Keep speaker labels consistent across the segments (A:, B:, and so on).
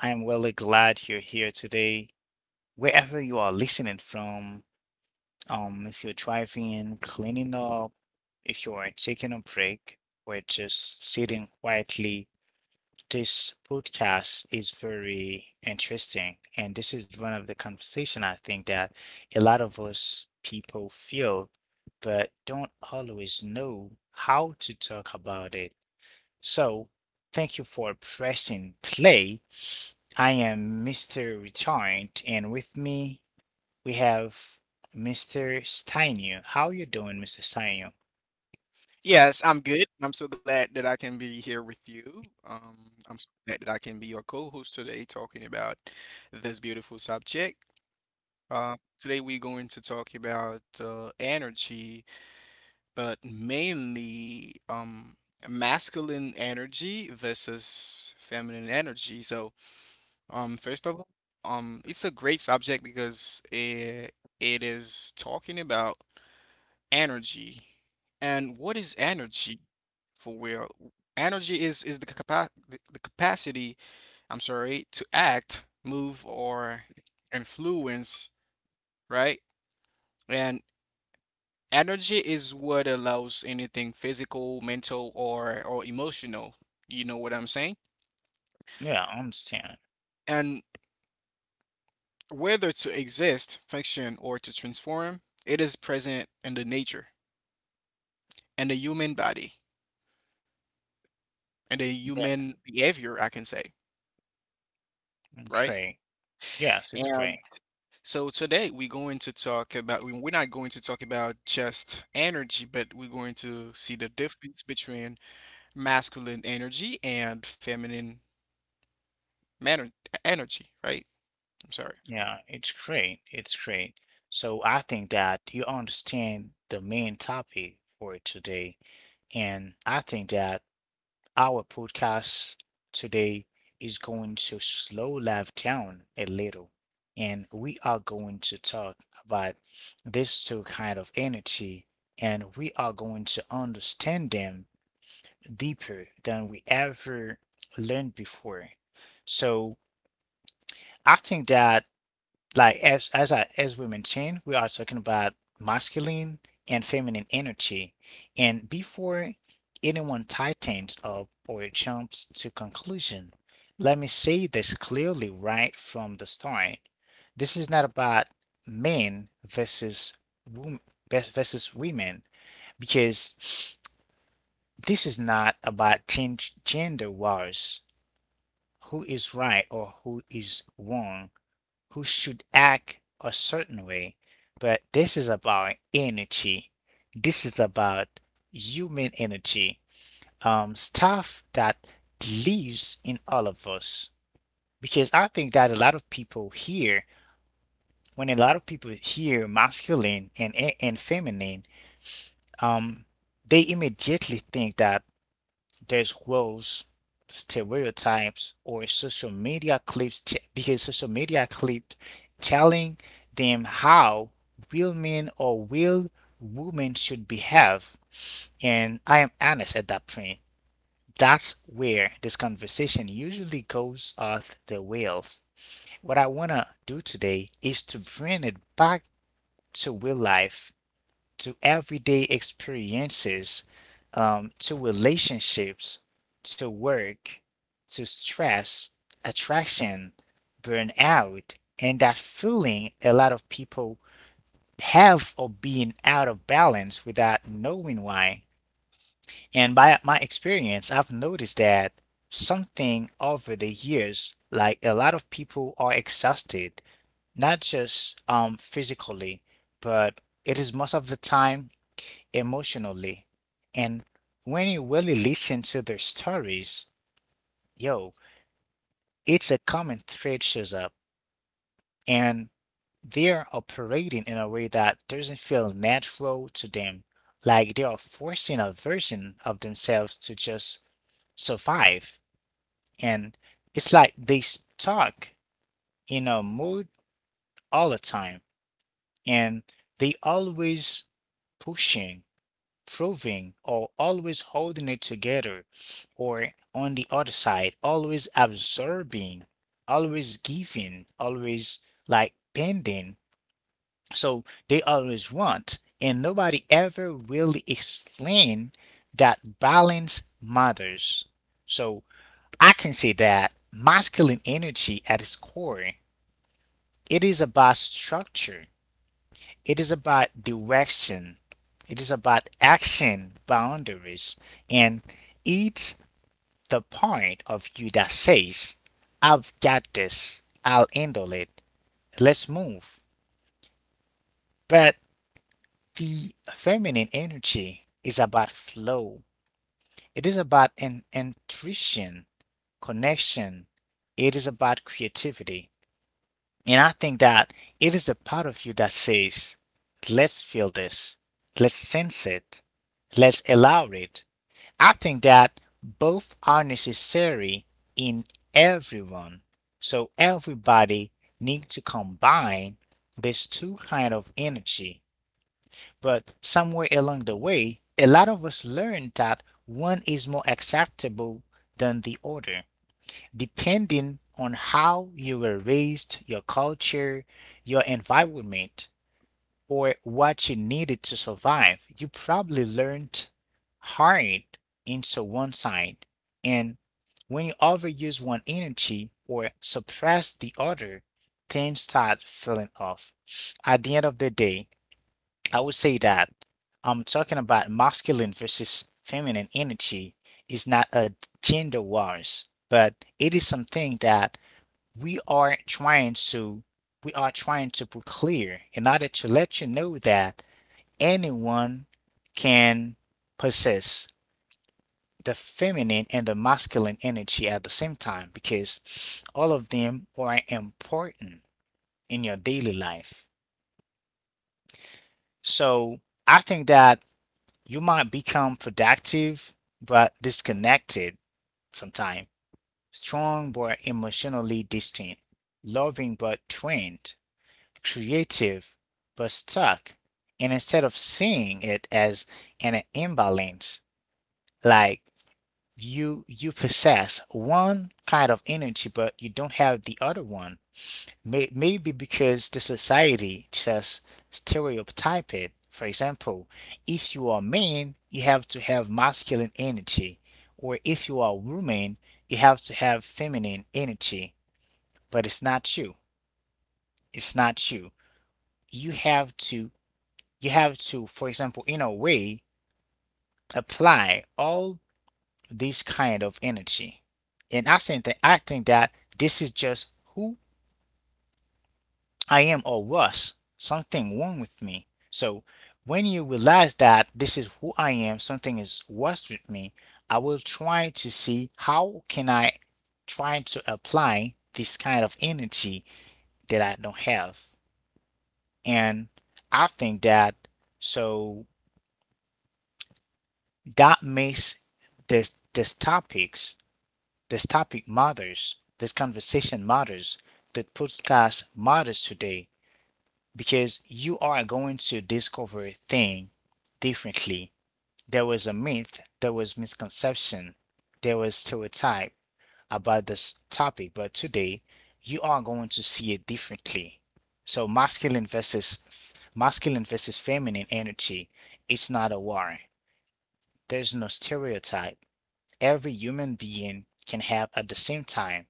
A: I am really glad you're here today, wherever you are listening from. If you're driving, cleaning up, if you are taking a break, or just sitting quietly, this podcast is very interesting. And this is one of the conversation I think that a lot of us people feel, but don't always know how to talk about it. So, thank you for pressing play. I am Mr. Returned, and with me we have Mr. Steinu. How you doing, Mr. Steinu?
B: Yes, I'm good. I'm so glad that I can be here with you. I'm so glad that I can be your co-host today talking about this beautiful subject. Today we're going to talk about energy, but mainly masculine energy versus feminine energy. So, first of all, it's a great subject because it is talking about energy. And what is energy for real? Energy is the capa the capacity, I'm sorry, to act, move, or influence, right? And energy is what allows anything physical, mental, or emotional. You know what I'm saying?
A: Yeah, I understand.
B: And whether to exist, function, or to transform, it is present in the nature, in the human body, and the
A: Yeah,
B: human behavior, I can say, right?
A: great. Yes, it's
B: And
A: great.
B: So today we're going to talk about, we're not going to talk about just energy, but we're going to see the difference between masculine energy and feminine manner, energy, right? I'm sorry.
A: Yeah, it's great. It's great. So I think that you understand the main topic for today, and I think that our podcast today is going to slow life down a little, and we are going to talk about these two kind of energy, and we are going to understand them deeper than we ever learned before. So I think that like as we mentioned, we are talking about masculine and feminine energy. And before anyone tightens up or jumps to conclusion, let me say this clearly right from the start. This is not about men versus women versus women because this is not about change gender wars, who is right or who is wrong, who should act a certain way. But this is about energy. This is about human energy. Stuff that lives in all of us. Because I think that a lot of people here, when a lot of people hear masculine and feminine, um, they immediately think that there's roles, stereotypes, or social media clips because social media clip telling them how real men or real women should behave. And I am honest at that point. That's where this conversation usually goes off the rails. What I want to do today is to bring it back to real life, to everyday experiences, to relationships, to work, to stress, attraction, burnout, and that feeling a lot of people have of being out of balance without knowing why. And by my experience, I've noticed that something over the years, like a lot of people are exhausted, not just physically, but it is most of the time emotionally. And when you really listen to their stories, yo, it's a common thread shows up. And they're operating in a way that doesn't feel natural to them, like they are forcing a version of themselves to just survive. And it's like they stuck in a mood all the time, and they always pushing, proving, or always holding it together, or on the other side, always absorbing, always giving, always like bending. So they always want, and nobody ever really explain that balance matters. So I can say that masculine energy at its core, it is about structure. It is about direction. It is about action boundaries. And it's the part of you that says, I've got this. I'll handle it. Let's move. But the feminine energy is about flow. It is about an intuition, connection. It is about creativity. And I think that it is a part of you that says, let's feel this, let's sense it, let's allow it. I think that both are necessary in everyone. So everybody needs to combine these two kind of energy. But somewhere along the way, a lot of us learned that one is more acceptable than the other. Depending on how you were raised, your culture, your environment, or what you needed to survive, you probably learned hard into one side. And when you overuse one energy or suppress the other, things start feeling off. At the end of the day, I would say that I'm talking about masculine versus feminine energy is not a gender wars, but it is something that we are trying to we are trying to put clear in order to let you know that anyone can possess the feminine and the masculine energy at the same time because all of them are important in your daily life. So I think that you might become productive but disconnected sometimes, strong but emotionally distant, loving but trained, creative but stuck. And instead of seeing it as an imbalance, like you possess one kind of energy but you don't have the other one, maybe because the society just stereotype it. For example, if you are man, you have to have masculine energy, or if you are woman, you have to have feminine energy. But it's not you. It's not you. You have to. You have to. For example, in a way, apply all this kind of energy. And I think that this is just who I am or was something wrong with me. So when you realize that this is who I am, something is worse with me, I will try to see how can I try to apply this kind of energy that I don't have. And I think that so that makes this this topics, this topic matters, this conversation matters, the podcast matters today, because you are going to discover thing differently. There was a myth, there was misconception, there was stereotype about this topic, but today you are going to see it differently. So masculine versus feminine energy, it's not a war. There's no stereotype. Every human being can have at the same time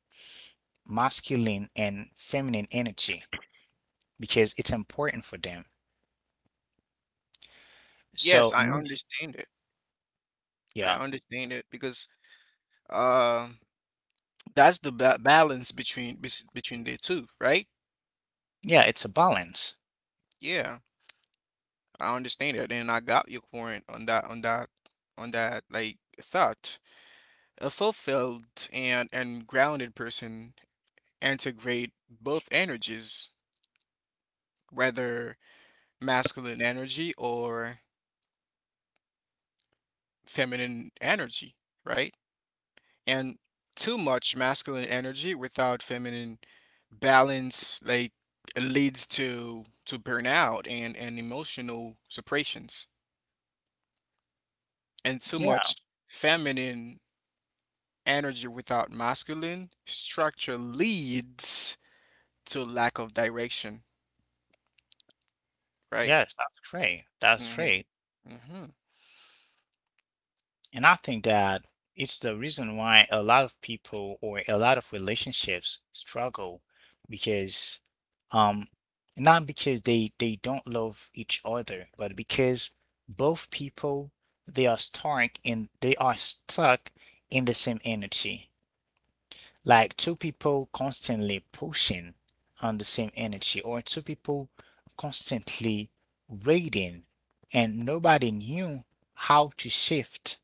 A: masculine and feminine energy because it's important for them.
B: Yes,
A: So,
B: I understand it. I
A: yeah.
B: understand it because uh, that's the ba balance between between the two, right?
A: Yeah, it's a balance.
B: Yeah, I understand it, and I got your point on that like thought. A fulfilled and grounded person integrate both energies, whether masculine energy or feminine energy, right? And too much masculine energy without feminine balance like leads to burnout and emotional separations. And too much
A: Yeah,
B: feminine energy without masculine structure leads to lack of direction, right?
A: yes, that's great. That's great.
B: hmm
A: And I think that it's the reason why a lot of people or a lot of relationships struggle because, um not because they don't love each other, but because both people they are stuck in the same energy. Like two people constantly pushing on the same energy, or two people constantly raiding, and nobody knew how to shift.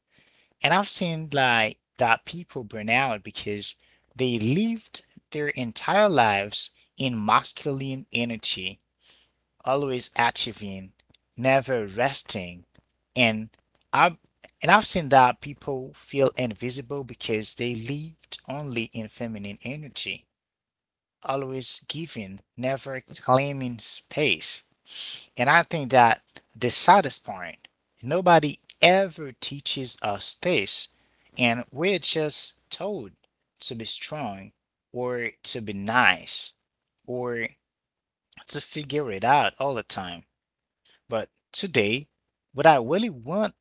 A: And I've seen like that people burn out because they lived their entire lives in masculine energy, always achieving, never resting. And I have and I've seen that people feel invisible because they lived only in feminine energy, always giving, never claiming space. And I think that the saddest point, nobody ever teaches us this, and we're just told to be strong or to be nice or to figure it out all the time. But today, what I really want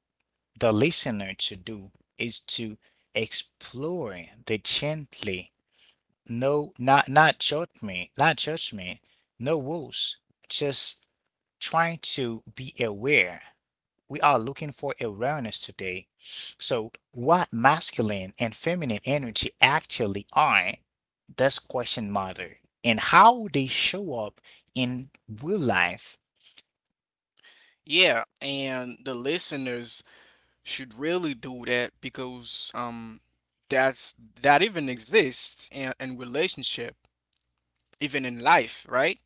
A: the listener to do is to explore the gently, no, not judge me, not judge me, no rules, just trying to be aware. We are looking for awareness today. So, what masculine and feminine energy actually are, does question matter, and how they show up in real life.
B: Yeah, and the listeners should really do that because that's that even exists in relationship even in life, right?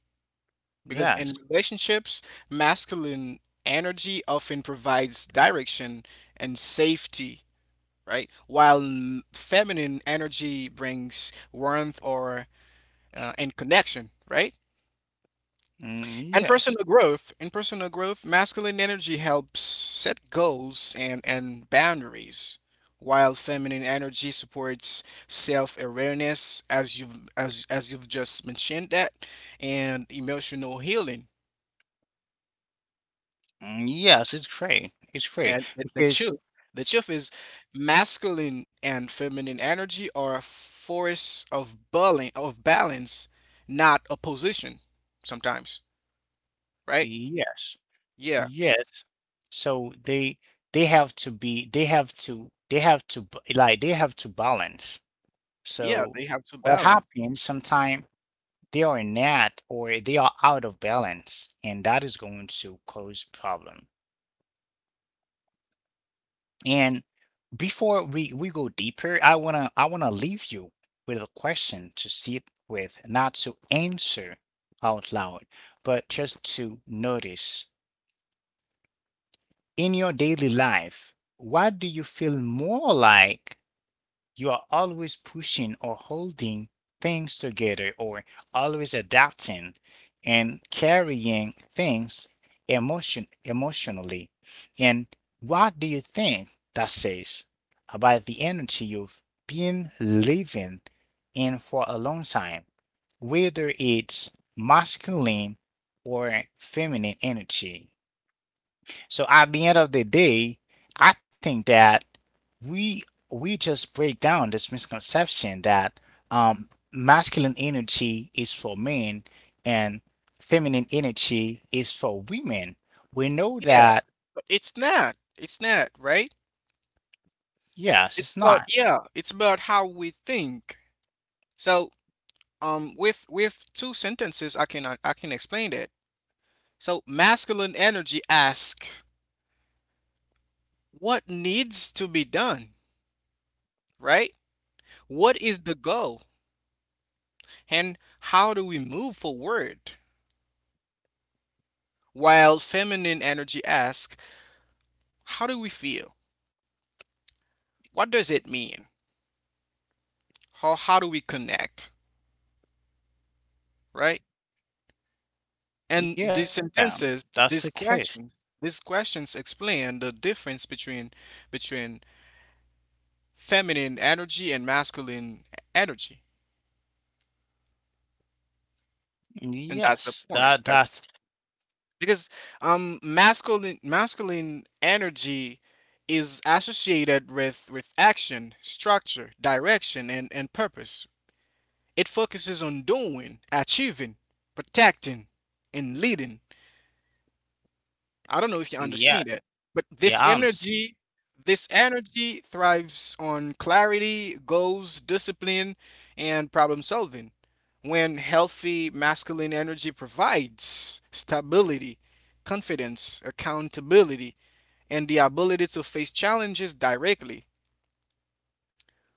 B: Because
A: Yes.
B: in relationships masculine energy often provides direction and safety, right, while feminine energy brings warmth or and connection, right?
A: Mm,
B: And
A: yes.
B: personal growth, in personal growth, masculine energy helps set goals and boundaries, while feminine energy supports self-awareness, as you've just mentioned that, and emotional healing.
A: Mm, yes, it's great. It's great
B: And
A: because
B: the truth is, masculine and feminine energy are a force of balance, not opposition. Sometimes, right?
A: yes,
B: Yeah,
A: yes. So they have to be they have to b- like they have to balance.
B: yeah,
A: So
B: they have to
A: what
B: balance.
A: happens sometimes they are not, or they are out of balance, and that is going to cause problem. And before we go deeper, I wanna leave you with a question to sit with, not to answer out loud, but just to notice in your daily life, what do you feel more like, you are always pushing or holding things together, or always adapting and carrying things emotionally. And what do you think that says about the energy you've been living in for a long time, whether it's masculine or feminine energy? So at the end of the day, I think that we we just break down this misconception that masculine energy is for men and feminine energy is for women. We know
B: Yeah,
A: that
B: but it's not. It's not, right?
A: yes,
B: It's
A: it's
B: about,
A: not.
B: yeah, it's about how we think. So, with two sentences I can explain that. So, masculine energy asks, what needs to be done, right? What is the goal and how do we move forward? While feminine energy asks, how do we feel? What does it mean? How do we connect, right?
A: Yeah, that's
B: And
A: the
B: these
A: case.
B: sentences, these questions explain the difference between between feminine energy and masculine energy.
A: Yes,
B: And that's
A: that
B: the
A: that's
B: point. That because masculine energy is associated with action, structure, direction and purpose. It focuses on doing, achieving, protecting and leading. I don't know if you
A: yes.
B: understand it, but
A: Yeah, I understand.
B: this energy thrives on clarity, goals, discipline, and problem solving. When healthy masculine energy provides stability, confidence, accountability, and the ability to face challenges directly.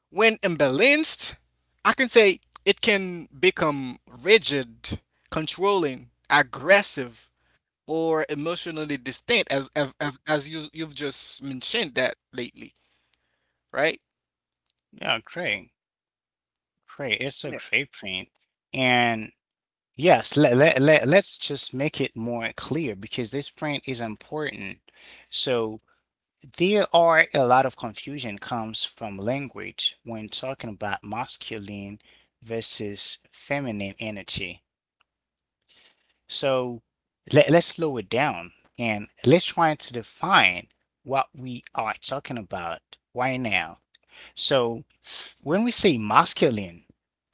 B: When imbalanced, I can say it can become rigid, controlling, aggressive, or emotionally distant as you you've just mentioned that lately, right?
A: Yeah, great, great. It's a
B: Yeah,
A: great point, and. Yes, let's just make it more clear because this print is important. So there are a lot of confusion comes from language when talking about masculine versus feminine energy. So let's slow it down and let's try to define what we are talking about right now. So when we say masculine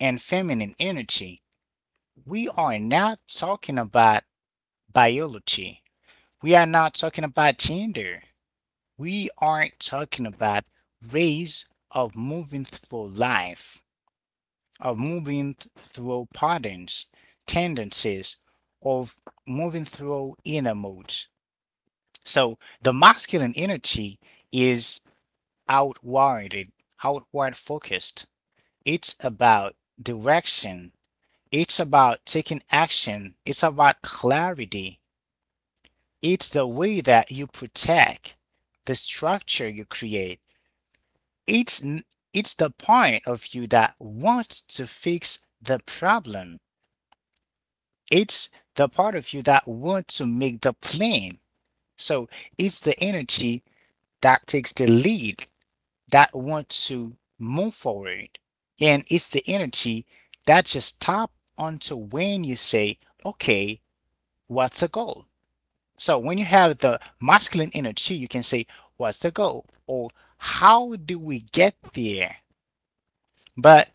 A: and feminine energy, we are not talking about biology. We are not talking about gender. We aren't talking about ways of moving through life, of moving through patterns, tendencies, of moving through inner modes. So the masculine energy is outwarded, outward focused. It's about direction. It's about taking action. It's about clarity. It's the way that you protect the structure you create. It's n- it's the point of you that wants to fix the problem. It's the part of you that wants to make the plan. So it's the energy that takes the lead, that wants to move forward. And it's the energy that just tap onto when you say, okay, what's the goal? So when you have the masculine energy, you can say, what's the goal? Or how do we get there? But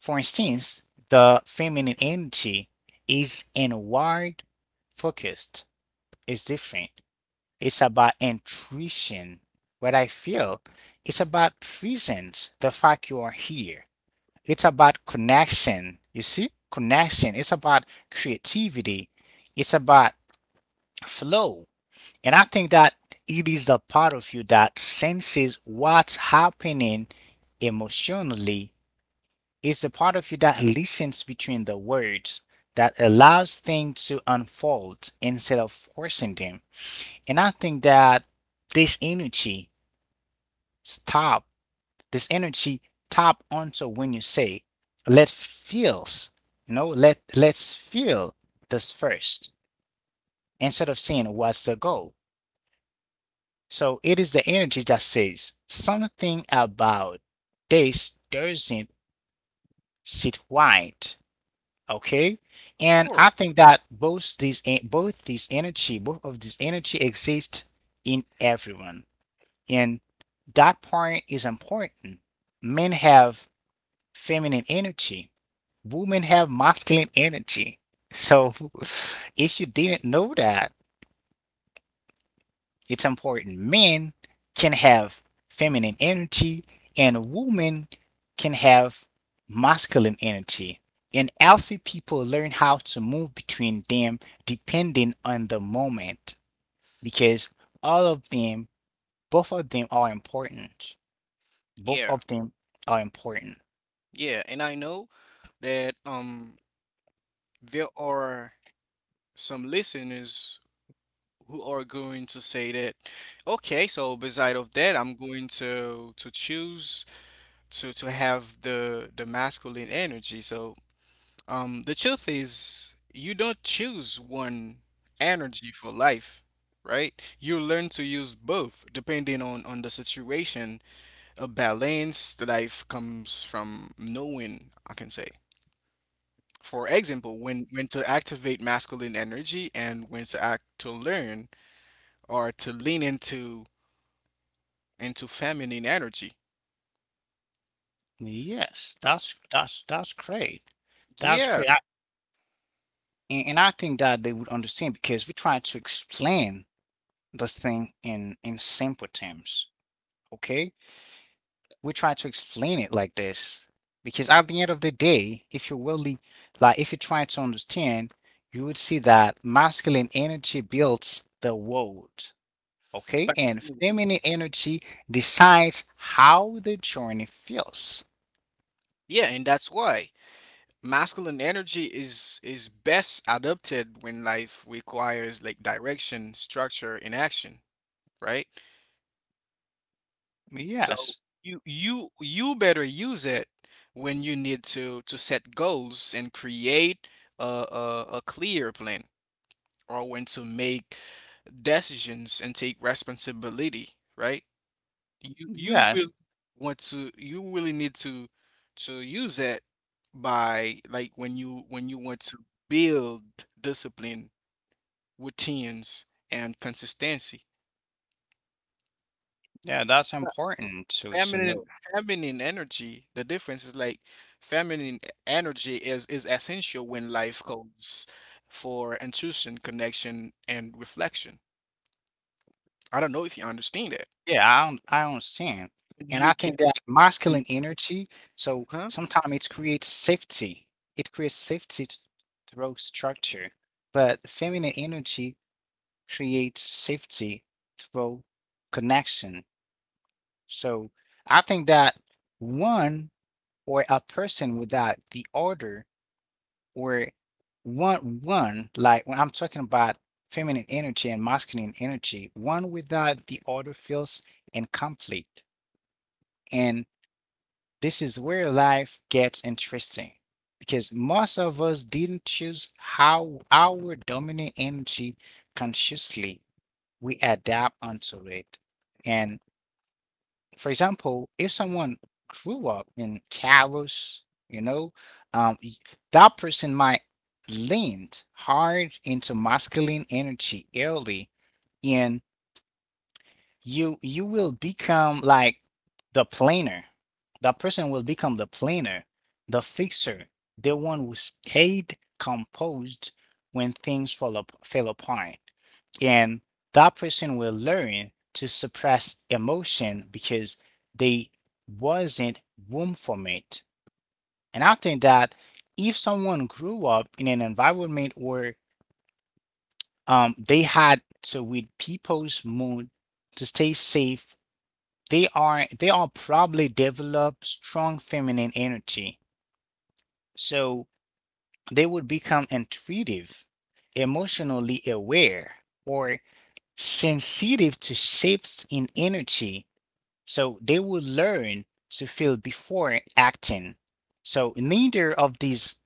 A: for instance, the feminine energy is inward focused, it's different. It's about intuition, what I feel. It's about presence, the fact you are here. It's about connection, you see? Connection. It's about creativity. It's about flow. And I think that it is the part of you that senses what's happening emotionally. It's the part of you that listens between the words, that allows things to unfold instead of forcing them. And I think that this energy stop, this energy tap onto when you say, let feels, let let's feel this first instead of saying what's the goal. So it is the energy that says something about this doesn't sit right. Okay,
B: of
A: and
B: course.
A: I think that both these energy both of this energy exist in everyone, and that point is important. Men have feminine energy, women have masculine energy. So if you didn't know that, it's important. Men can have feminine energy and women can have masculine energy. And alpha people learn how to move between them depending on the moment because all of them, both of them are important. Both
B: Yeah.
A: of them are important.
B: Yeah, and I know that there are some listeners who are going to say that okay, so beside of that, I'm going to choose to have the masculine energy. So the truth is, you don't choose one energy for life, right? You learn to use both depending on the situation. A balanced life comes from knowing, I can say. For example, when to activate masculine energy and when to act to learn or to lean into feminine energy.
A: Yes,
B: So,
A: that's great. That's
B: yeah,
A: great. And I think that they would understand because we're trying to explain this thing in simple terms. Okay, we try to explain it like this because at the end of the day, if you really like if you try to understand, you would see that masculine energy builds the world, okay,
B: but
A: and feminine energy decides how the journey feels.
B: yeah, and that's why masculine energy is best adapted when life requires like direction, structure, and action, right? So
A: Yes.
B: you you better use it when you need to set goals and create a a clear plan or when to make decisions and take responsibility, right? You will
A: yes
B: want to, you really need to use that by like when you want to build discipline, routines, and consistency.
A: yeah, that's
B: Uh,
A: important to know.
B: Feminine Feminine energy, the difference is like feminine e- energy is essential when life calls for intuition, connection, and reflection. I don't know if you understand that.
A: Yeah, I understand, and
B: You
A: I think
B: can,
A: that masculine energy, so
B: huh?
A: sometimes it creates safety. It creates safety th through structure, but feminine energy creates safety through connection. So I think that one or a person without the other or one, like when I'm talking about feminine energy and masculine energy, one without the other feels incomplete. And this is where life gets interesting because most of us didn't choose how our dominant energy consciously. We adapt onto it. And for example, if someone grew up in chaos, you know, um, y- that person might lean hard into masculine energy early. And you will become like the planner. That person will become the planner, the fixer, the one who stayed composed when fell apart. And that person will learn to suppress emotion because they wasn't room for it. And I think that if someone grew up in an environment where they had to read people's mood to stay safe, they are probably develop strong feminine energy, so they would become intuitive, emotionally aware, or sensitive to shifts in energy, so they will learn to feel before acting. So neither of these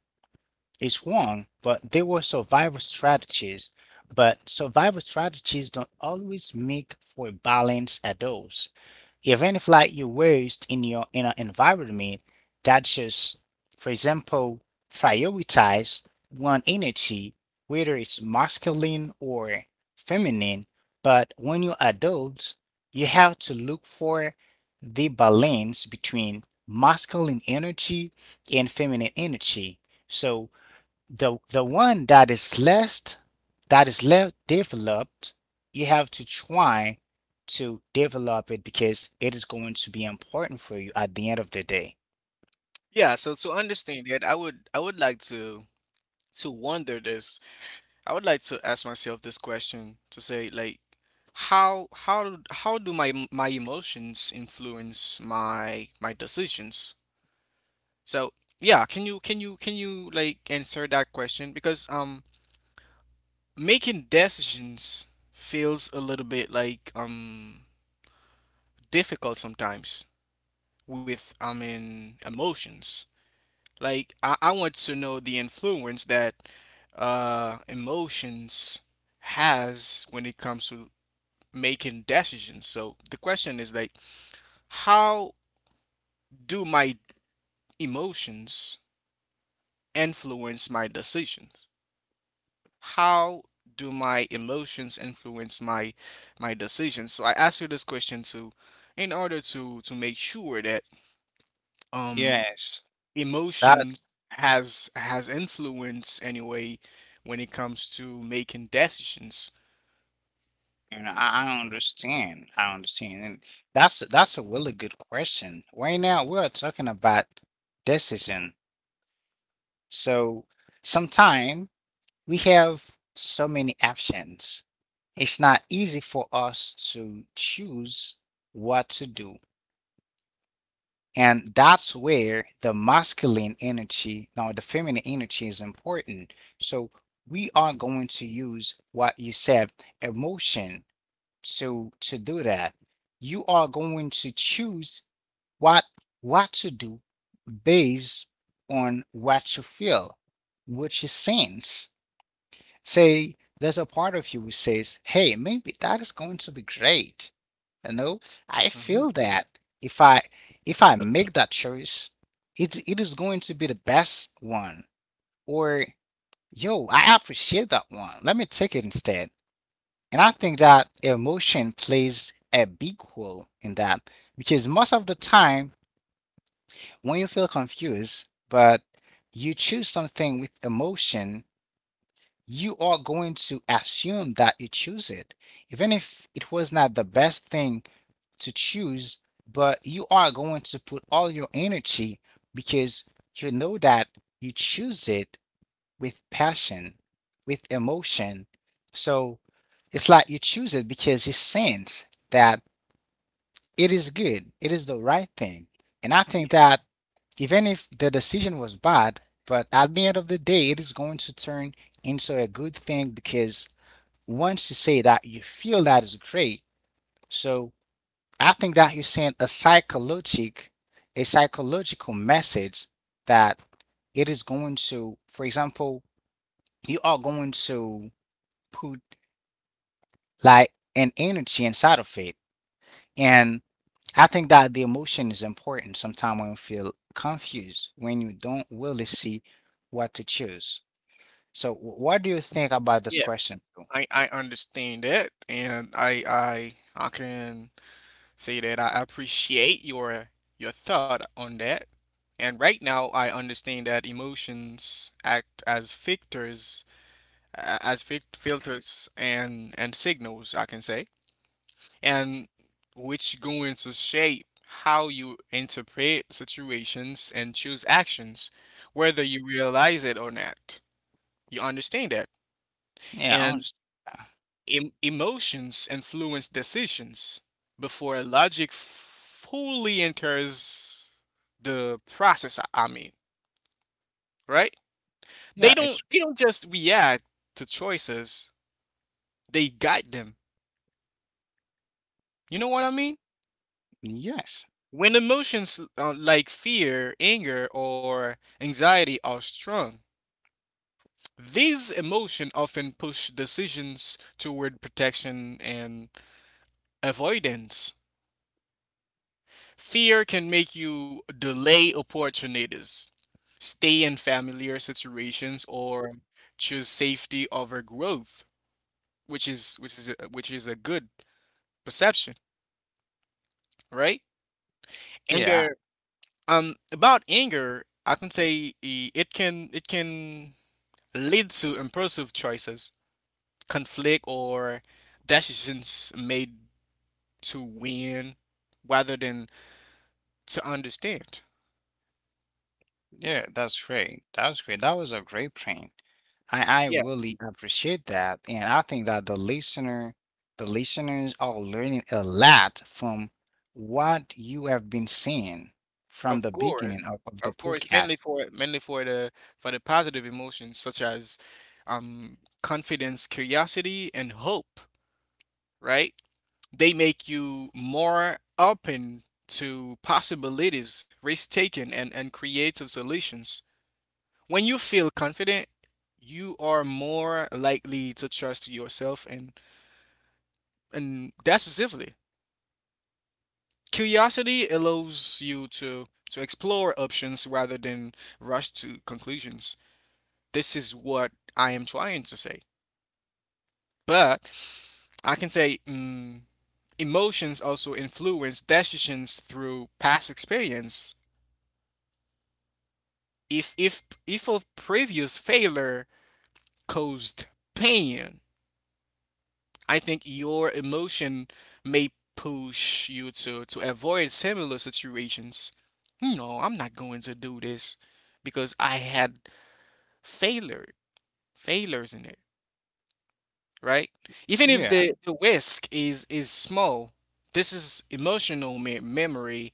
A: is wrong, but they were survival strategies. But survival strategies don't always make for balanced adults, even if like you waste in your inner environment that just for example prioritize one energy whether it's masculine or feminine. But when you're adults, you have to look for the balance between masculine energy and feminine energy. So the one that is less, that is less developed, you have to try to develop it because it is going to be important for you at the end of the day.
B: Yeah, so to understand that, I would like to wonder this. I would like to ask myself this question to say like how how how do my my emotions influence my decisions? So, yeah, can you can you like answer that question? Because making decisions feels a little bit like difficult sometimes with, I mean, emotions. Like I want to know the influence that emotions has when it comes to making decisions. So the question is like, how do my emotions influence my decisions? How do my emotions influence my decisions? So I ask you this question to in order to make sure that um
A: Yes. That's —
B: emotions has influence anyway when it comes to making decisions.
A: and I understand. I understand. And that's a really good question. Right now we're talking about decision. So sometime we have so many options. It's not easy for us to choose what to do. And that's where the masculine energy, now the feminine energy is important. So we are going to use what you said, emotion, to do that. You are going to choose what what to do based on what you feel, what you sense. Say there's a part of you which says, hey, maybe that is going to be great. You know, I
B: Mhm.
A: feel that if I if I make that choice, it is going to be the best one. Or yo, I appreciate that one. Let me take it instead. And I think that emotion plays a big role in that because most of the time when you feel confused, but you choose something with emotion, you are going to assume that you choose it, even if it was not the best thing to choose, but you are going to put all your energy because you know that you choose it with passion, with emotion. So it's like you choose it because you sense that it is good, it is the right thing. And I think
B: Yeah,
A: that even if the decision was bad, but at the end of the day, it is going to turn into a good thing because once you say that you feel that is great. So I think that you sent a psychological message that it is going to, for example, you are going to put like an energy inside of it. And I think that the emotion is important sometimes when you feel confused, when you don't really see what to choose. So what do you think about this
B: yeah,
A: question?
B: I understand that, and I can say that I appreciate your thought on that. And right now, I understand that emotions act as filters, as filters and signals, I can say, and which going to shape how you interpret situations and choose actions, whether you realize it or not. You understand that.
A: Yeah,
B: And
A: honest.
B: Emotions influence decisions before logic fully enters the process. I mean, right? They
A: Yeah, it's
B: don't just react to choices; they guide them. You know what I mean?
A: yes.
B: When emotions like fear, anger, or anxiety are strong, these emotions often push decisions toward protection and avoidance. Fear can make you delay opportunities, stay in familiar situations or choose safety over growth, which is a, which is a good perception, right?
A: Yeah.
B: Anger. About anger, I can say I- it can lead to impulsive choices, conflict, or decisions made to win rather than to understand.
A: Yeah, that's great. That's great. That was a great print. I
B: Yeah,
A: really appreciate that. And I think that the listeners are learning a lot from what you have been seeing from
B: of
A: the beginning
B: course,
A: of the
B: of course, mainly
A: podcast.
B: for mainly for the positive emotions such as confidence, curiosity, and hope, right? They make you more open to possibilities, risk taking, and creative solutions. When you feel confident, you are more likely to trust yourself and decisively. Curiosity allows you to explore options rather than rush to conclusions. This is what I am trying to say. But I can say emotions also influence decisions through past experience. If if a previous failure caused pain, I think your emotion may push you to avoid similar situations. No, I'm not going to do this because I had failure failures in it, right? Even if
A: Yeah.
B: the risk is small, this is emotional memory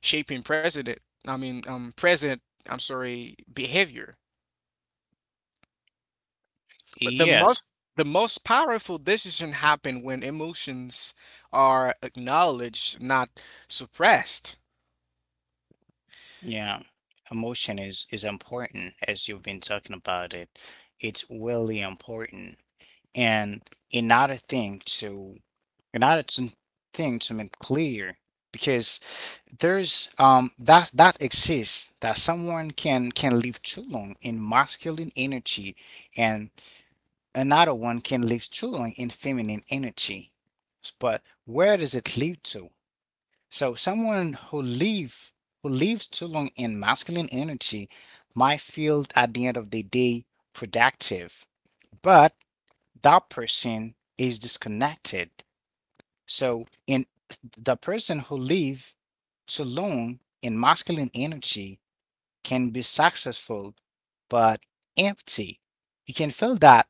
B: shaping president. I mean, present. I'm sorry, behavior. But
A: Yes.
B: the most powerful decision happen when emotions are acknowledged, not suppressed.
A: Yeah. Emotion is important as you've been talking about it. It's really important. And another thing to, and that's a thing to make clear because there's that exists that someone can live too long in masculine energy and another one can live too long in feminine energy. But where does it lead to? So someone who live, who lives too long in masculine energy, might feel at the end of the day productive, but that person is disconnected. So in the person who live too long in masculine energy can be successful but empty. You can feel that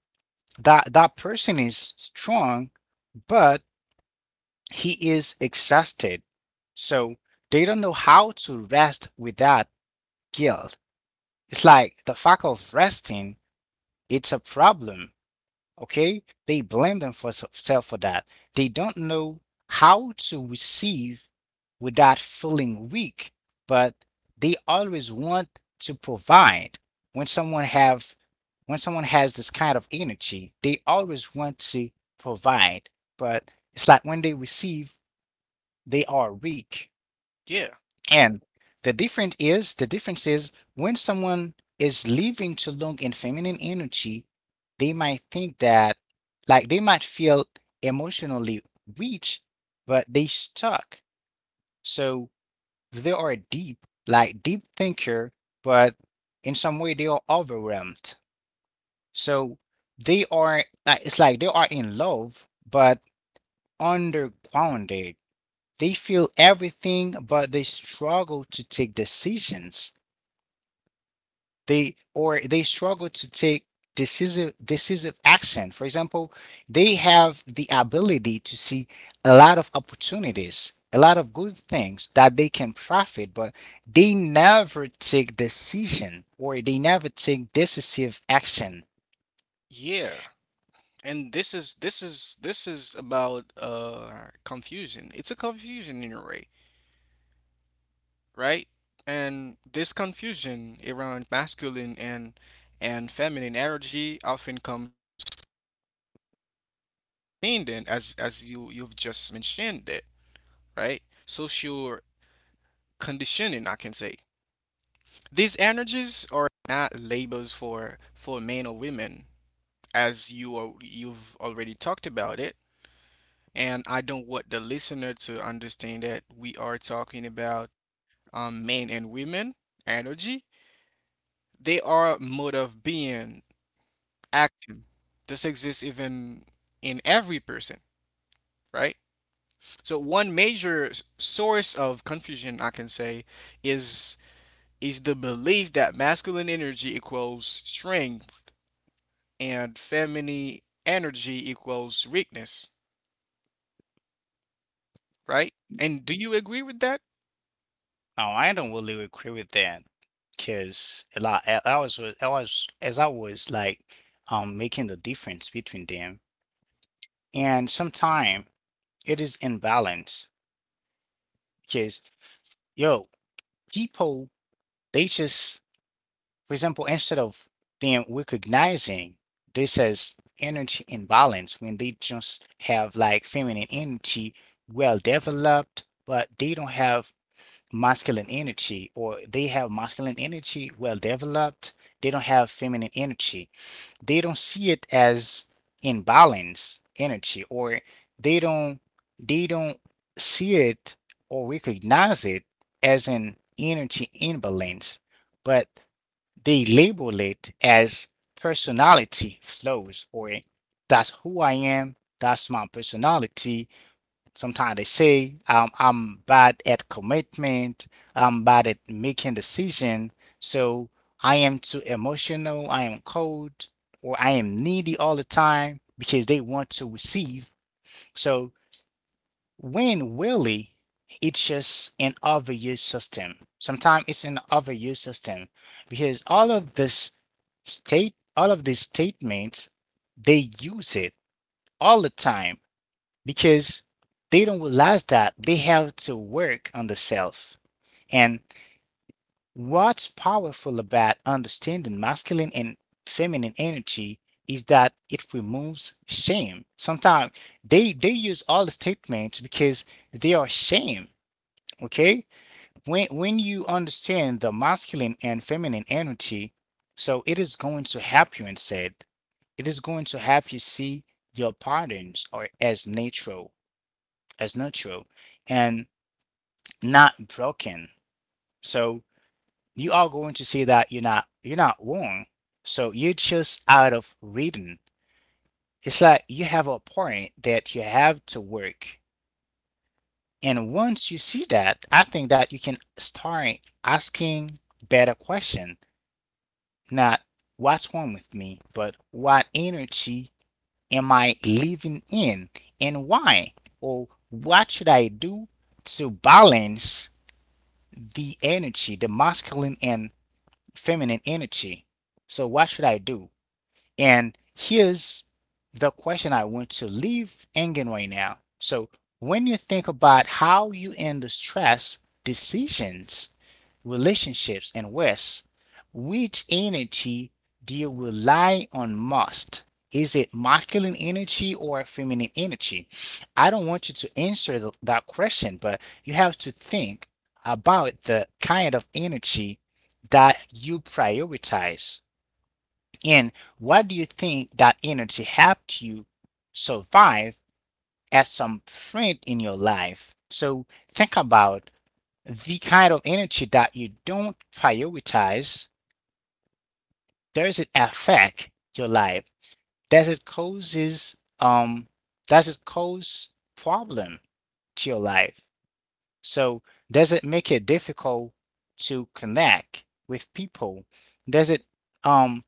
A: that person is strong but he is exhausted. So they don't know how to rest without guilt. It's like the fact of resting, it's a problem. Okay? They blame themselves for that. They don't know how to receive without feeling weak, but they always want to provide. When someone have when someone has this kind of energy, they always want to provide, but it's like when they receive, they are weak.
B: Yeah,
A: And the difference is when someone is living too long in feminine energy, they might think that they might feel emotionally rich, but they stuck. So they are deep, like deep thinker, but in some way they are overwhelmed. So they are like it's like they are in love, but undergrounded. They feel everything, but they struggle to take decisions. They struggle to take decisive action. For example, they have the ability to see a lot of opportunities, a lot of good things that they can profit, but they never take decision or they never take decisive action.
B: yeah. And this is this is this is about confusion. It's a confusion in a way, right? And this confusion around masculine and feminine energy often comes from then as you you've just mentioned it, right? Social conditioning, I can say. These energies are not labels for men or women, as you are, you've already talked about it. And I don't want the listener to understand that we are talking about men and women energy. They are mode of being, action. This exists even in every person, right? So one major source of confusion, I can say, is is the belief that masculine energy equals strength and feminine energy equals weakness, right? And do you agree with that?
A: Oh, I don't really agree with that, because a lot I was as I was like making the difference between them, and sometimes it is imbalance because yo people they just — for example, instead of them recognizing this as energy imbalance when they just have like feminine energy well developed, but they don't have masculine energy, or they have masculine energy well developed, they don't have feminine energy. They don't see it as imbalance energy, or they don't they don't see it or recognize it as an energy imbalance, but they label it as personality flaws or that's who I am, that's my personality. Sometimes they say I'm bad at commitment, I'm bad at making decision, so I am too emotional, I am cold, or I am needy all the time because they want to receive. So when really it's just an overuse system. Sometimes it's an overuse system because all of these statements they use it all the time because they don't realize that they have to work on the self. And what's powerful about understanding masculine and feminine energy is that it removes shame. Sometimes they use all the statements because they are shame. Okay, when you understand the masculine and feminine energy, so it is going to help you instead, it is going to help you see your patterns are as natural, as natural, and not broken. So you are going to see that you're not wrong. So you are just out of reading. It's like you have a point that you have to work. And once you see that, I think that you can start asking better questions. Not what's wrong with me, but what energy am I living in and why? Or what should I do to balance the energy, the masculine and feminine energy? So, what should I do? And here's the question I want to leave hanging right now. So, when you think about how you handle stress, decisions, relationships, and rest, which energy do you rely on most? Is it masculine energy or feminine energy? I don't want you to answer that question, but you have to think about the kind of energy that you prioritize. And what do you think that energy helped you survive at some point in your life? So think about the kind of energy that you don't prioritize. Does it affect your life? Does it causes does it cause problem to your life? So does it make it difficult to connect with people? Does it um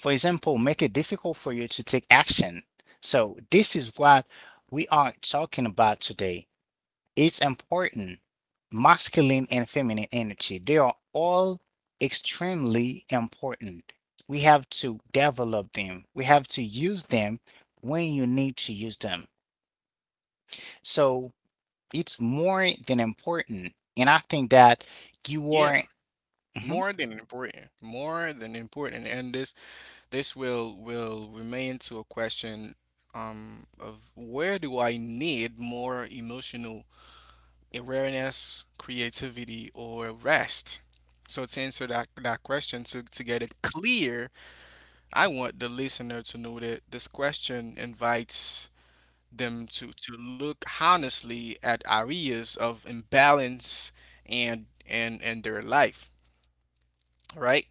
A: for example make it difficult for you to take action? So this is what we are talking about today. It's important. Masculine and feminine energy, they are all extremely important. We have to develop them. We have to use them when you need to use them. So it's more than important. And I think that you
B: Yeah,
A: are, Mhm.
B: more than important, and this will remain to a question of where do I need more emotional awareness, creativity, or rest? So to answer that question, to get it clear, I want the listener to know that this question invites them to look honestly at areas of imbalance and their life, right?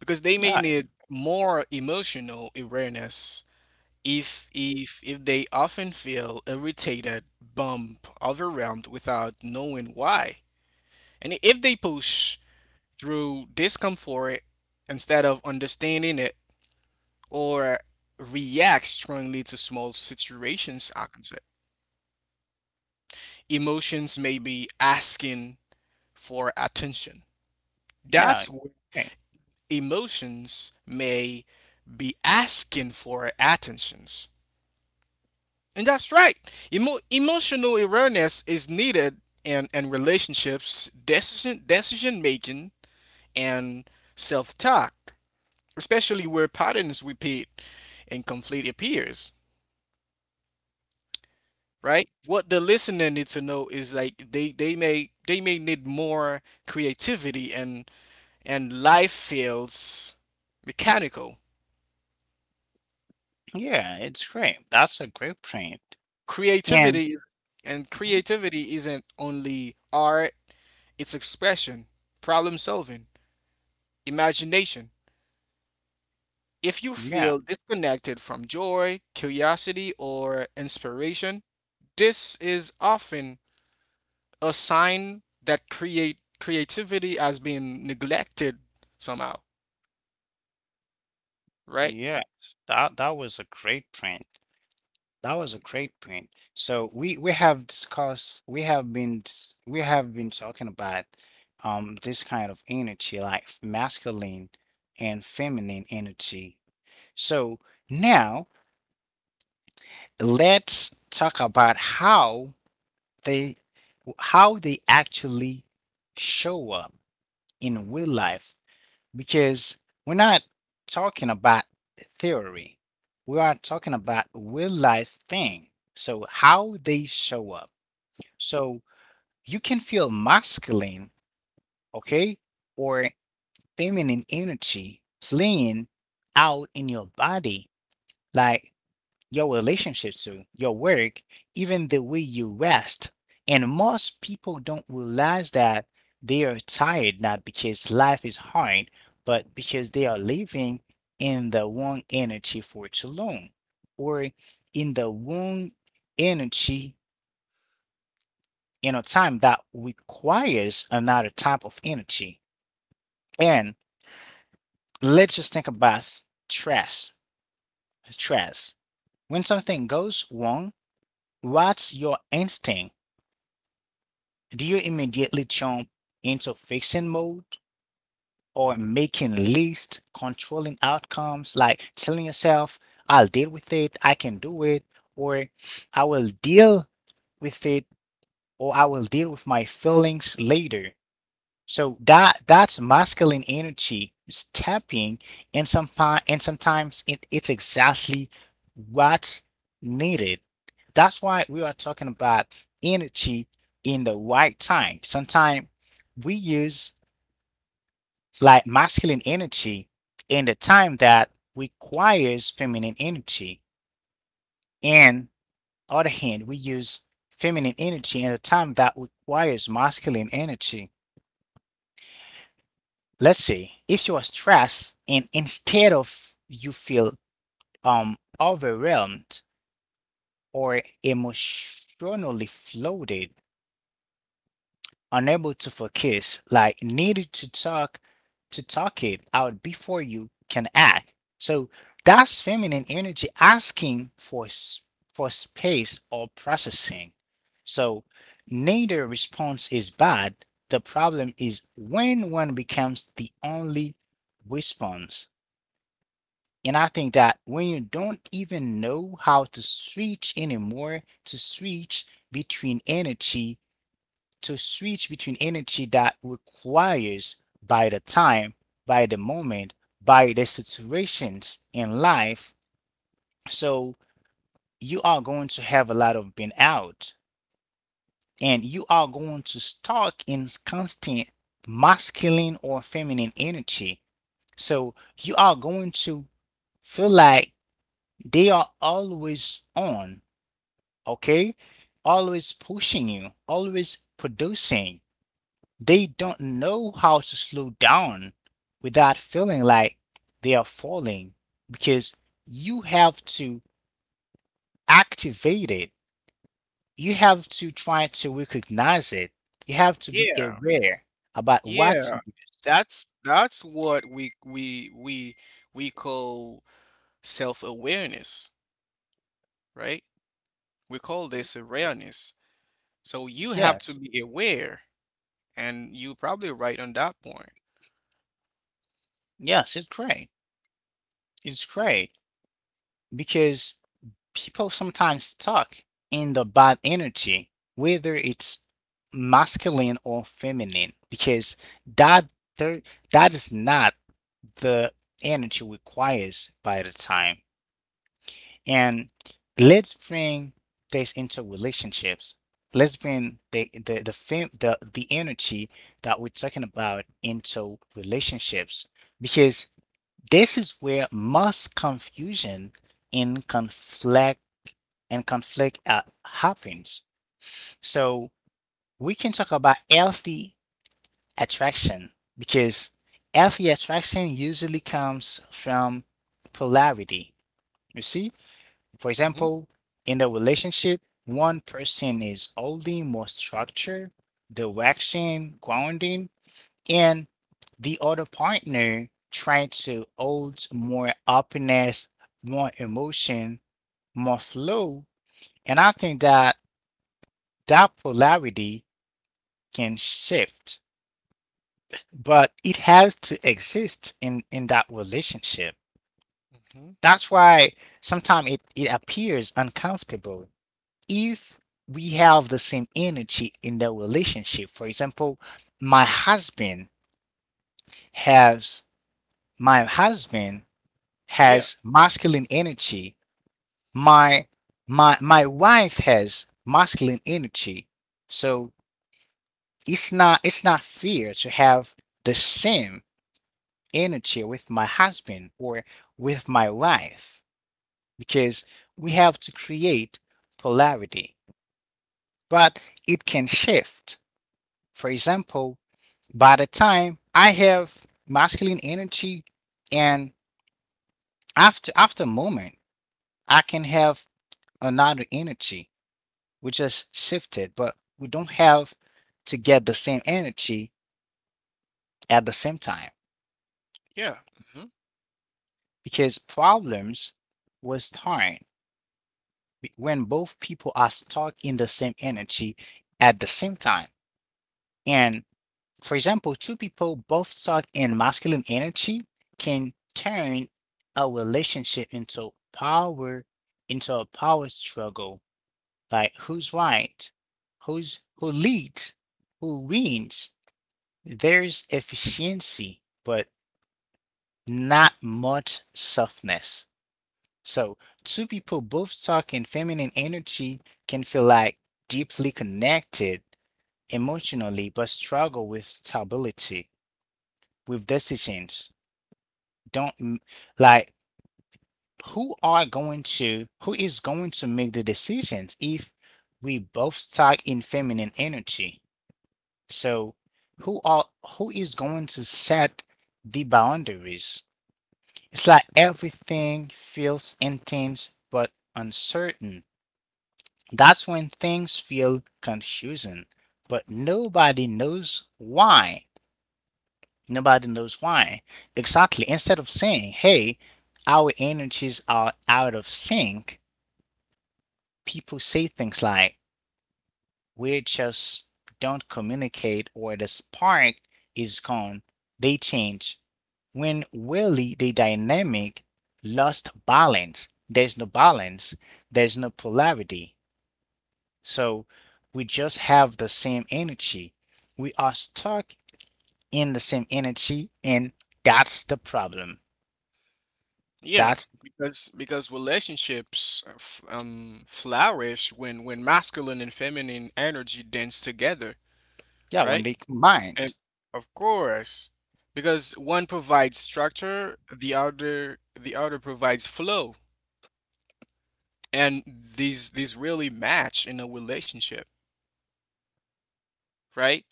B: Because they
A: Yeah,
B: may need more emotional awareness if they often feel irritated, bummed, overwhelmed without knowing why. And if they push through discomfort instead of understanding it or react strongly to small situations, I can say emotions may be asking for attention.
A: yeah,
B: That's where
A: okay.
B: emotions may be asking for attentions. And that's right. Emotional awareness is needed in relationships, decision making, and self talk, especially where patterns repeat and conflict appears, right? What the listener needs to know is like they may need more creativity, and life feels mechanical.
A: Yeah, it's great. That's a great print. And
B: Creativity
A: Mhm.
B: Creativity isn't only art, it's expression, problem solving, imagination. If you
A: Yeah,
B: feel disconnected from joy, curiosity, or inspiration, this is often a sign that create creativity as being neglected somehow, right?
A: yes, that that was a great print. That was a great point. So we have discussed, we have been we have been talking about this kind of energy, like masculine and feminine energy. So now let's talk about they how they actually show up in real life, because we're not talking about theory. We are talking about real life thing. So how they show up. So you can feel masculine, okay, or feminine energy playing out in your body, like your relationship to your work, even the way you rest. And most people don't realize that they are tired, not because life is hard, but because they are living in the wrong energy for too long, or in the wrong energy, time that requires another type of energy. And let's just think about stress. Stress. When something goes wrong, what's your instinct? Do you immediately jump into fixing mode or making lists, controlling outcomes, like telling yourself, I'll deal with it, I can do it, or I will deal with it, or I will deal with my feelings later? So that's masculine energy stepping, and some and sometimes it's exactly what's needed. That's why we are talking about energy in the right time. Sometimes we use like masculine energy in the time that requires feminine energy. And other hand, we use feminine energy in the time that requires masculine energy. Let's say if you are stressed and instead of you feel overwhelmed or emotionally floated, unable to focus, like needed to talk it out before you can act. So that's feminine energy asking for for space or processing. So neither response is bad. The problem is when one becomes the only response. And I think that when you don't even know how to switch anymore, to switch between energy, to switch between energy that requires by the time, by the moment, by the situations in life, so you are going to have a lot of being out, and you are going to stuck in constant masculine or feminine energy. So you are going to feel like they are always on, okay? Always pushing you, always producing. They don't know how to slow down without feeling like they are falling, because you have to activate it. You have to try to recognize it. You have to be
B: Yeah,
A: aware about what to
B: yeah.
A: do.
B: That's what we call self-awareness, right? We call this awareness. So you have to
A: Yes,
B: be aware, and you're probably right on that point.
A: yes, it's great. It's great. Because people sometimes stuck in the bad energy, whether it's masculine or feminine, because that there, that is not the energy requires by the time. And let's bring this into relationships. Let's bring the fem, the energy that we're talking about into relationships, because this is where most confusion and conflict happens. So we can talk about healthy attraction, because healthy attraction usually comes from polarity. You see, for
B: hmm
A: example, in the relationship, one person is holding more structure, direction, grounding, and the other partner trying to hold more openness, more emotion, more flow. And I think that that polarity can shift, but it has to exist in that relationship.
B: hmm
A: That's why sometimes it appears uncomfortable if we have the same energy in the relationship. For example, my husband has my husband
B: Yeah,
A: has masculine energy. My my wife has masculine energy. So it's not fair to have the same energy with my husband or with my wife, because we have to create polarity, but it can shift. For example, by the time I have masculine energy, and after a moment I can have another energy which is shifted, but we don't have to get the same energy at the same time,
B: yeah, hmm
A: because problems will start when both people are stuck in the same energy at the same time. And for example, two people both stuck in masculine energy can turn a relationship into a power struggle, like who's right, who leads, who wins. There's efficiency, but not much softness. So, two people both talking feminine energy can feel like deeply connected emotionally, but struggle with stability, with decisions. Don't m- like who is going to make the decisions if we both talk in feminine energy? So, who are who is going to set the boundaries? It's like everything feels intense but uncertain. That's when things feel confusing, but nobody knows why. Nobody knows why. Exactly. Instead of saying, hey, our energies are out of sync, people say things like, we just don't communicate, or the spark is gone. They change. When really the dynamic lost balance, there's no polarity. So we just have the same energy. We are stuck in the same energy, and that's the problem.
B: yeah.
A: That's,
B: Because relationships f flourish when masculine and feminine energy dance together,
A: yeah, when
B: right?
A: they combined.
B: And of course, because one provides structure, the other provides flow. And these really match in a relationship, right.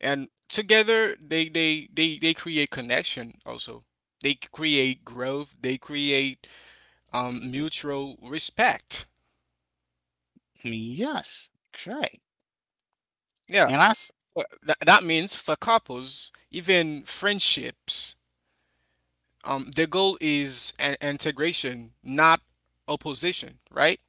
B: And together they create connection. Also they create growth, they create mutual respect.
A: Yes, great.
B: yeah
A: And I,
B: Well, that means for couples, even friendships, the goal is an integration, not opposition, right.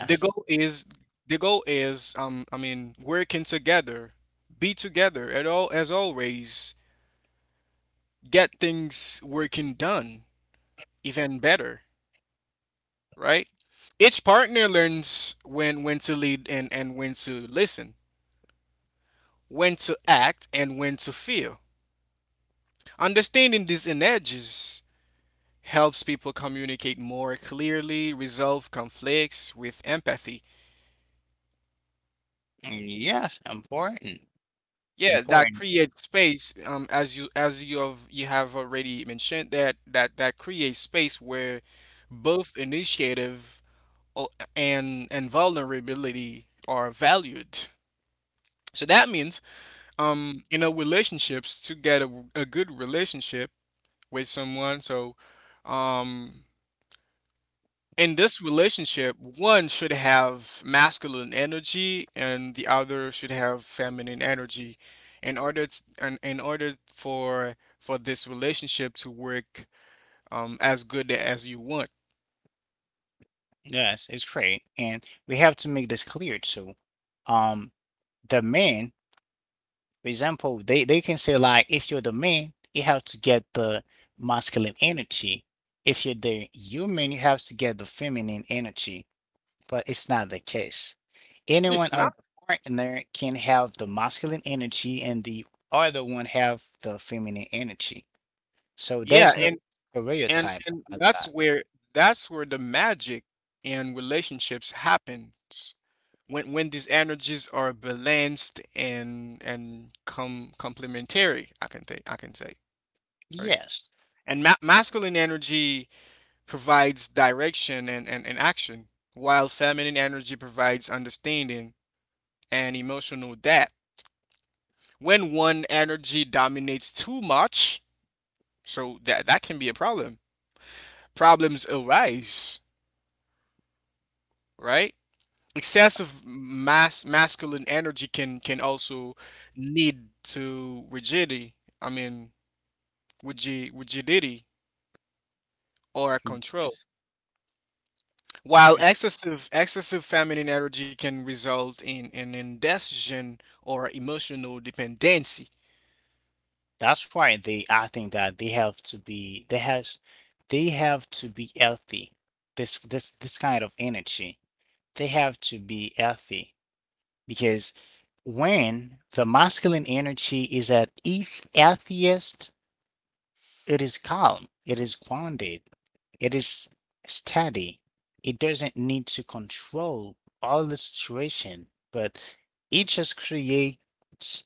B: The goal is I mean working together, be together at all as always, get things working done even better, right? Each partner learns when to lead and when to listen, when to act and when to feel. Understanding these energies helps people communicate more clearly, resolve conflicts with empathy.
A: yes, important,
B: Yeah, that
A: important.
B: creates space. As you have You have already mentioned that creates space where both initiative and vulnerability are valued. So that means, relationships to get a good relationship with someone. Um, in this relationship, one should have masculine energy and the other should have feminine energy. In order for this relationship to work as good as you want.
A: Yes, it's great. And we have to make this clear too. Um, the man, for example, they can say like if you're the man, you have to get the masculine energy. If you're the human, you have to get the feminine energy. But it's not the case.
B: It's
A: Anyone
B: not.
A: other partner can have the masculine energy and the other one have the feminine energy. So
B: Yeah,
A: there's no
B: and And
A: stereotype
B: and
A: about
B: that's
A: that.
B: where the magic in relationships happens. When these energies are balanced and complementary, I can say, right?
A: Yes.
B: And ma masculine energy provides direction and action, while feminine energy provides understanding and emotional depth. When one energy dominates too much, so that that can be a problem. Problems arise, right? Excessive mass masculine energy can also lead to rigidity. I mean, rigidity or control. While
A: Yes.
B: excessive feminine energy can result in an indecision or emotional dependency.
A: That's why they, I think that they have to be, they has, they have to be healthy. This kind of energy, they have to be healthy, because when the masculine energy is at its healthiest, it is calm, it is grounded, it is steady. It doesn't need to control all the situation, but it just creates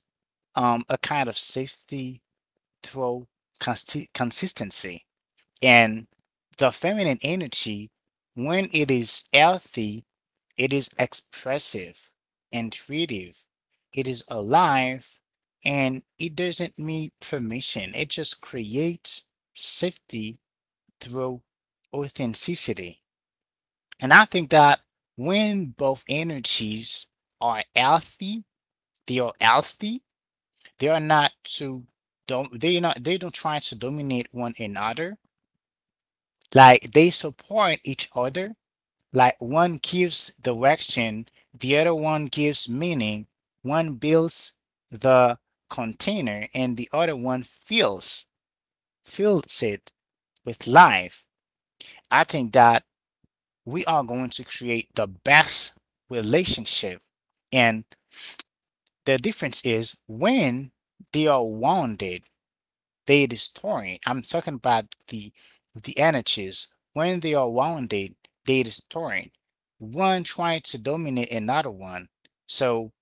A: a kind of safety through consistency. And the feminine energy, when it is healthy, it is expressive, intuitive, it is alive, and it doesn't need permission, it just creates safety through authenticity. And I think that when both energies are healthy, they are healthy, they are not to don't they not they don't try to dominate one another. Like they support each other. Like one gives direction, the other one gives meaning. One builds the container and the other one fills it with life. I think that we are going to create the best relationship. And the difference is when they are wounded, they destroy. I'm talking about the energies. When they are wounded, they destroy. One trying to dominate another one. So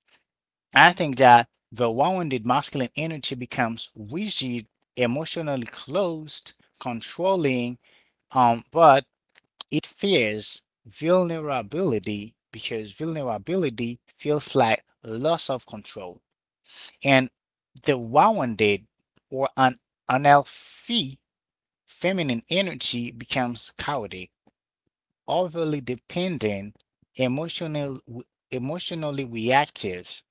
A: I think that the wounded masculine energy becomes rigid, emotionally closed, controlling, but it fears vulnerability because vulnerability feels like loss of control. And the wounded or an unhealthy feminine energy becomes chaotic, overly dependent, emotional, emotionally reactive,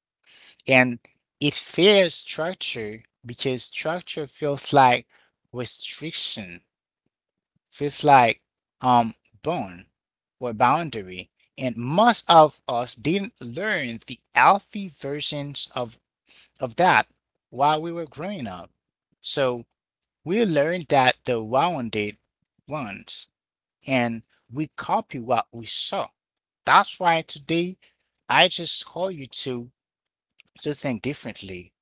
A: and it fears structure because structure feels like restriction, feels like um bone or boundary. And most of us didn't learn the healthy versions of that while we were growing up. So we learned that the rounded ones, and we copy what we saw. That's why today I just call you to just think differently,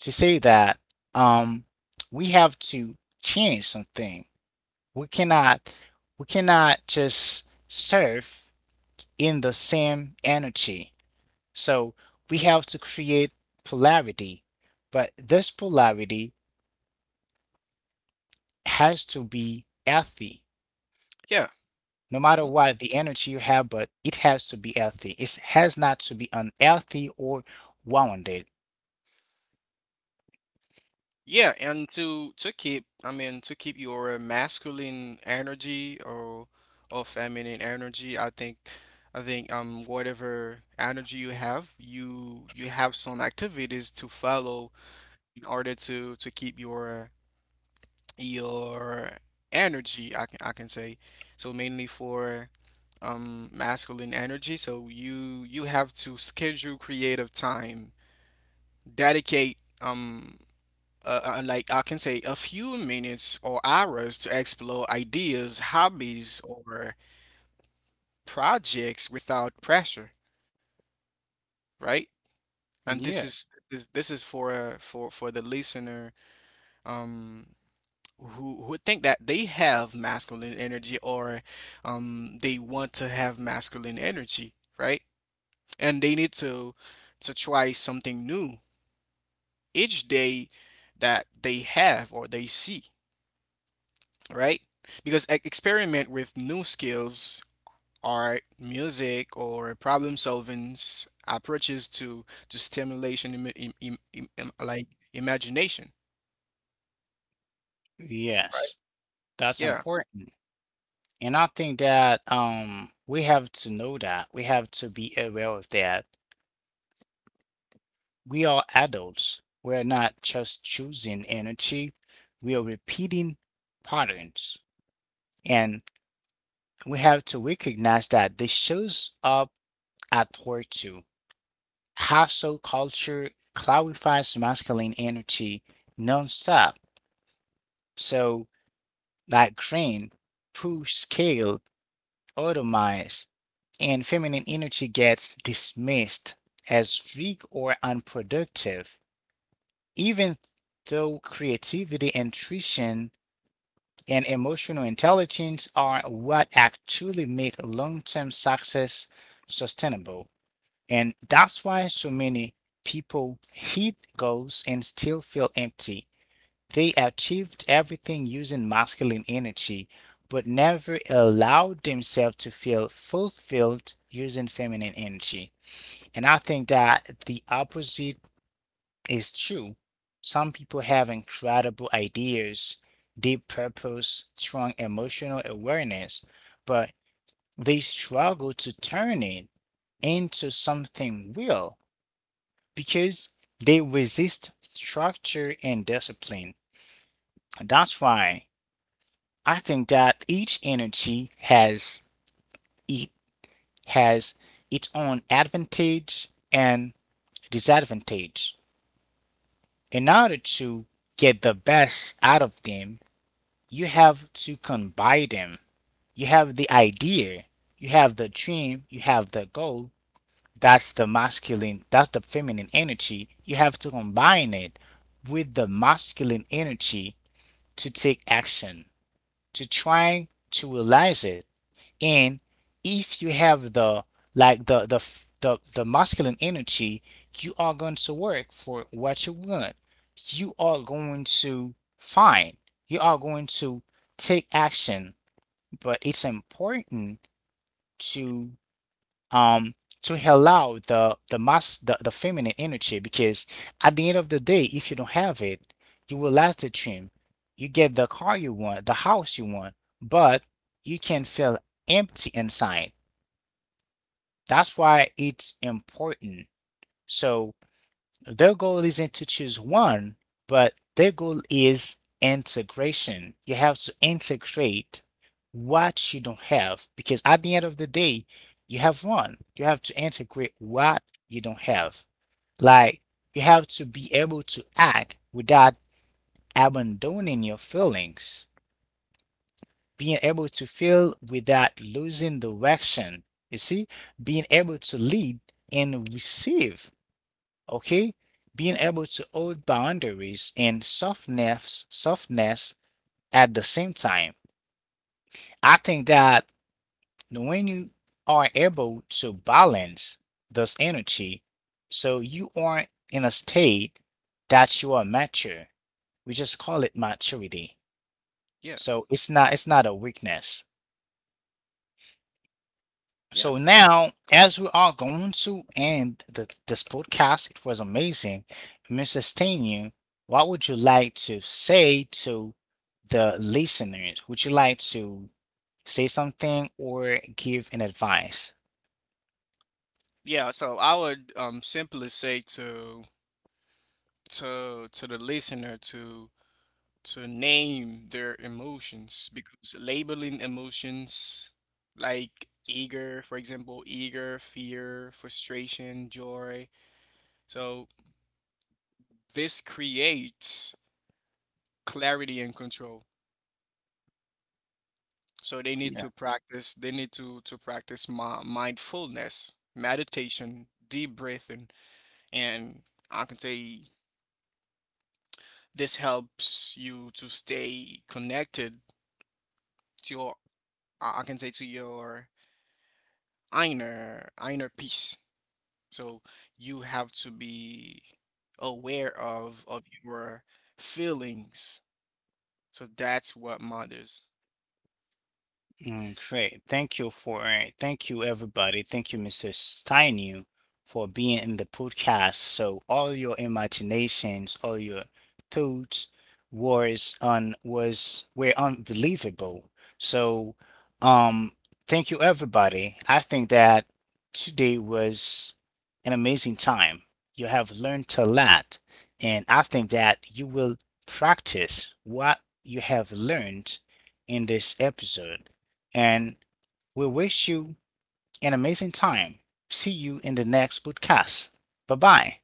A: to say that um we have to change something. We cannot we cannot just surf in the same energy. So we have to create polarity, but this polarity has to be healthy.
B: Yeah.
A: No matter
B: Mhm.
A: what the energy you have, but it has to be healthy. It has not to be unhealthy or wounded.
B: Yeah, and to keep, I mean, to keep your masculine energy or feminine energy, I think whatever energy you have, you have some activities to follow in order to keep your your energy, I can say. So mainly for masculine energy, so you have to schedule creative time, dedicate like I can say a few minutes or hours to explore ideas, hobbies, or projects without pressure, right? And this
A: Yeah,
B: is this is for for the listener um who think that they have masculine energy or they want to have masculine energy, right? And they need to try something new each day that they have or they see. Right? Because experiment with new skills, art, music, or problem solving approaches to stimulation, like imagination. Right.
A: yes, that's
B: Yeah,
A: important. And I think that we have to know that. We have to be aware of that. We are adults. We're not just choosing energy. We are repeating patterns. And we have to recognize that this shows up at work too. Hustle culture clarifies masculine energy nonstop. So, like green, push, scale, automize, and feminine energy gets dismissed as weak or unproductive, even though creativity, intuition, and emotional intelligence are what actually make long term success sustainable. And that's why so many people hit goals and still feel empty. They achieved everything using masculine energy, but never allowed themselves to feel fulfilled using feminine energy. And I think that the opposite is true. Some people have incredible ideas, deep purpose, strong emotional awareness, but they struggle to turn it into something real because they resist structure and discipline. That's why I think that each energy has it has its own advantage and disadvantage. In order to get the best out of them, you have to combine them. You have the idea, you have the dream, you have the goal. That's the masculine, that's the feminine energy. You have to combine it with the masculine energy to take action, to try to realize it. And if you have the like the the the masculine energy, you are going to work for what you want. You are going to find. You are going to take action. But it's important to um to allow the feminine energy, because at the end of the day, if you don't have it, you will lack the dream. You get the car you want, the house you want, but you can feel empty inside. That's why it's important. So their goal isn't to choose one, but their goal is integration. You have to integrate what you don't have, because at the end of the day, you have one. You have to integrate what you don't have. Like, you have to be able to act without abandoning your feelings, being able to feel without losing direction. You see, being able to lead and receive, okay? Being able to hold boundaries and softness, softness at the same time. I think that when you are able to balance this energy, so you are in a state that you are mature. We just call it maturity.
B: yeah,
A: So it's not a weakness. So
B: yes,
A: now, as we are going to end this podcast, it was amazing. Mr. Stanion, what would you like to say to the listeners? Would you like to say something or give an advice?
B: yeah. So I would simply say to the listener to name their emotions, because labeling emotions like eager, for example, eager, fear, frustration, joy. So this creates clarity and control. So they need to practice, they need to practice my mindfulness, meditation, deep breathing, and I can say this helps you to stay connected to your, I can say to your inner peace. So you have to be aware of your feelings. So that's what matters.
A: Mm, great. Thank you for thank you everybody. Thank you, Mr. Steinu, for being in the podcast. So all your imaginations, all your thoughts was were unbelievable. So um thank you everybody. I think that today was an amazing time. You have learned a lot, and I think that you will practice what you have learned in this episode, and we wish you an amazing time. See you in the next podcast. Bye bye.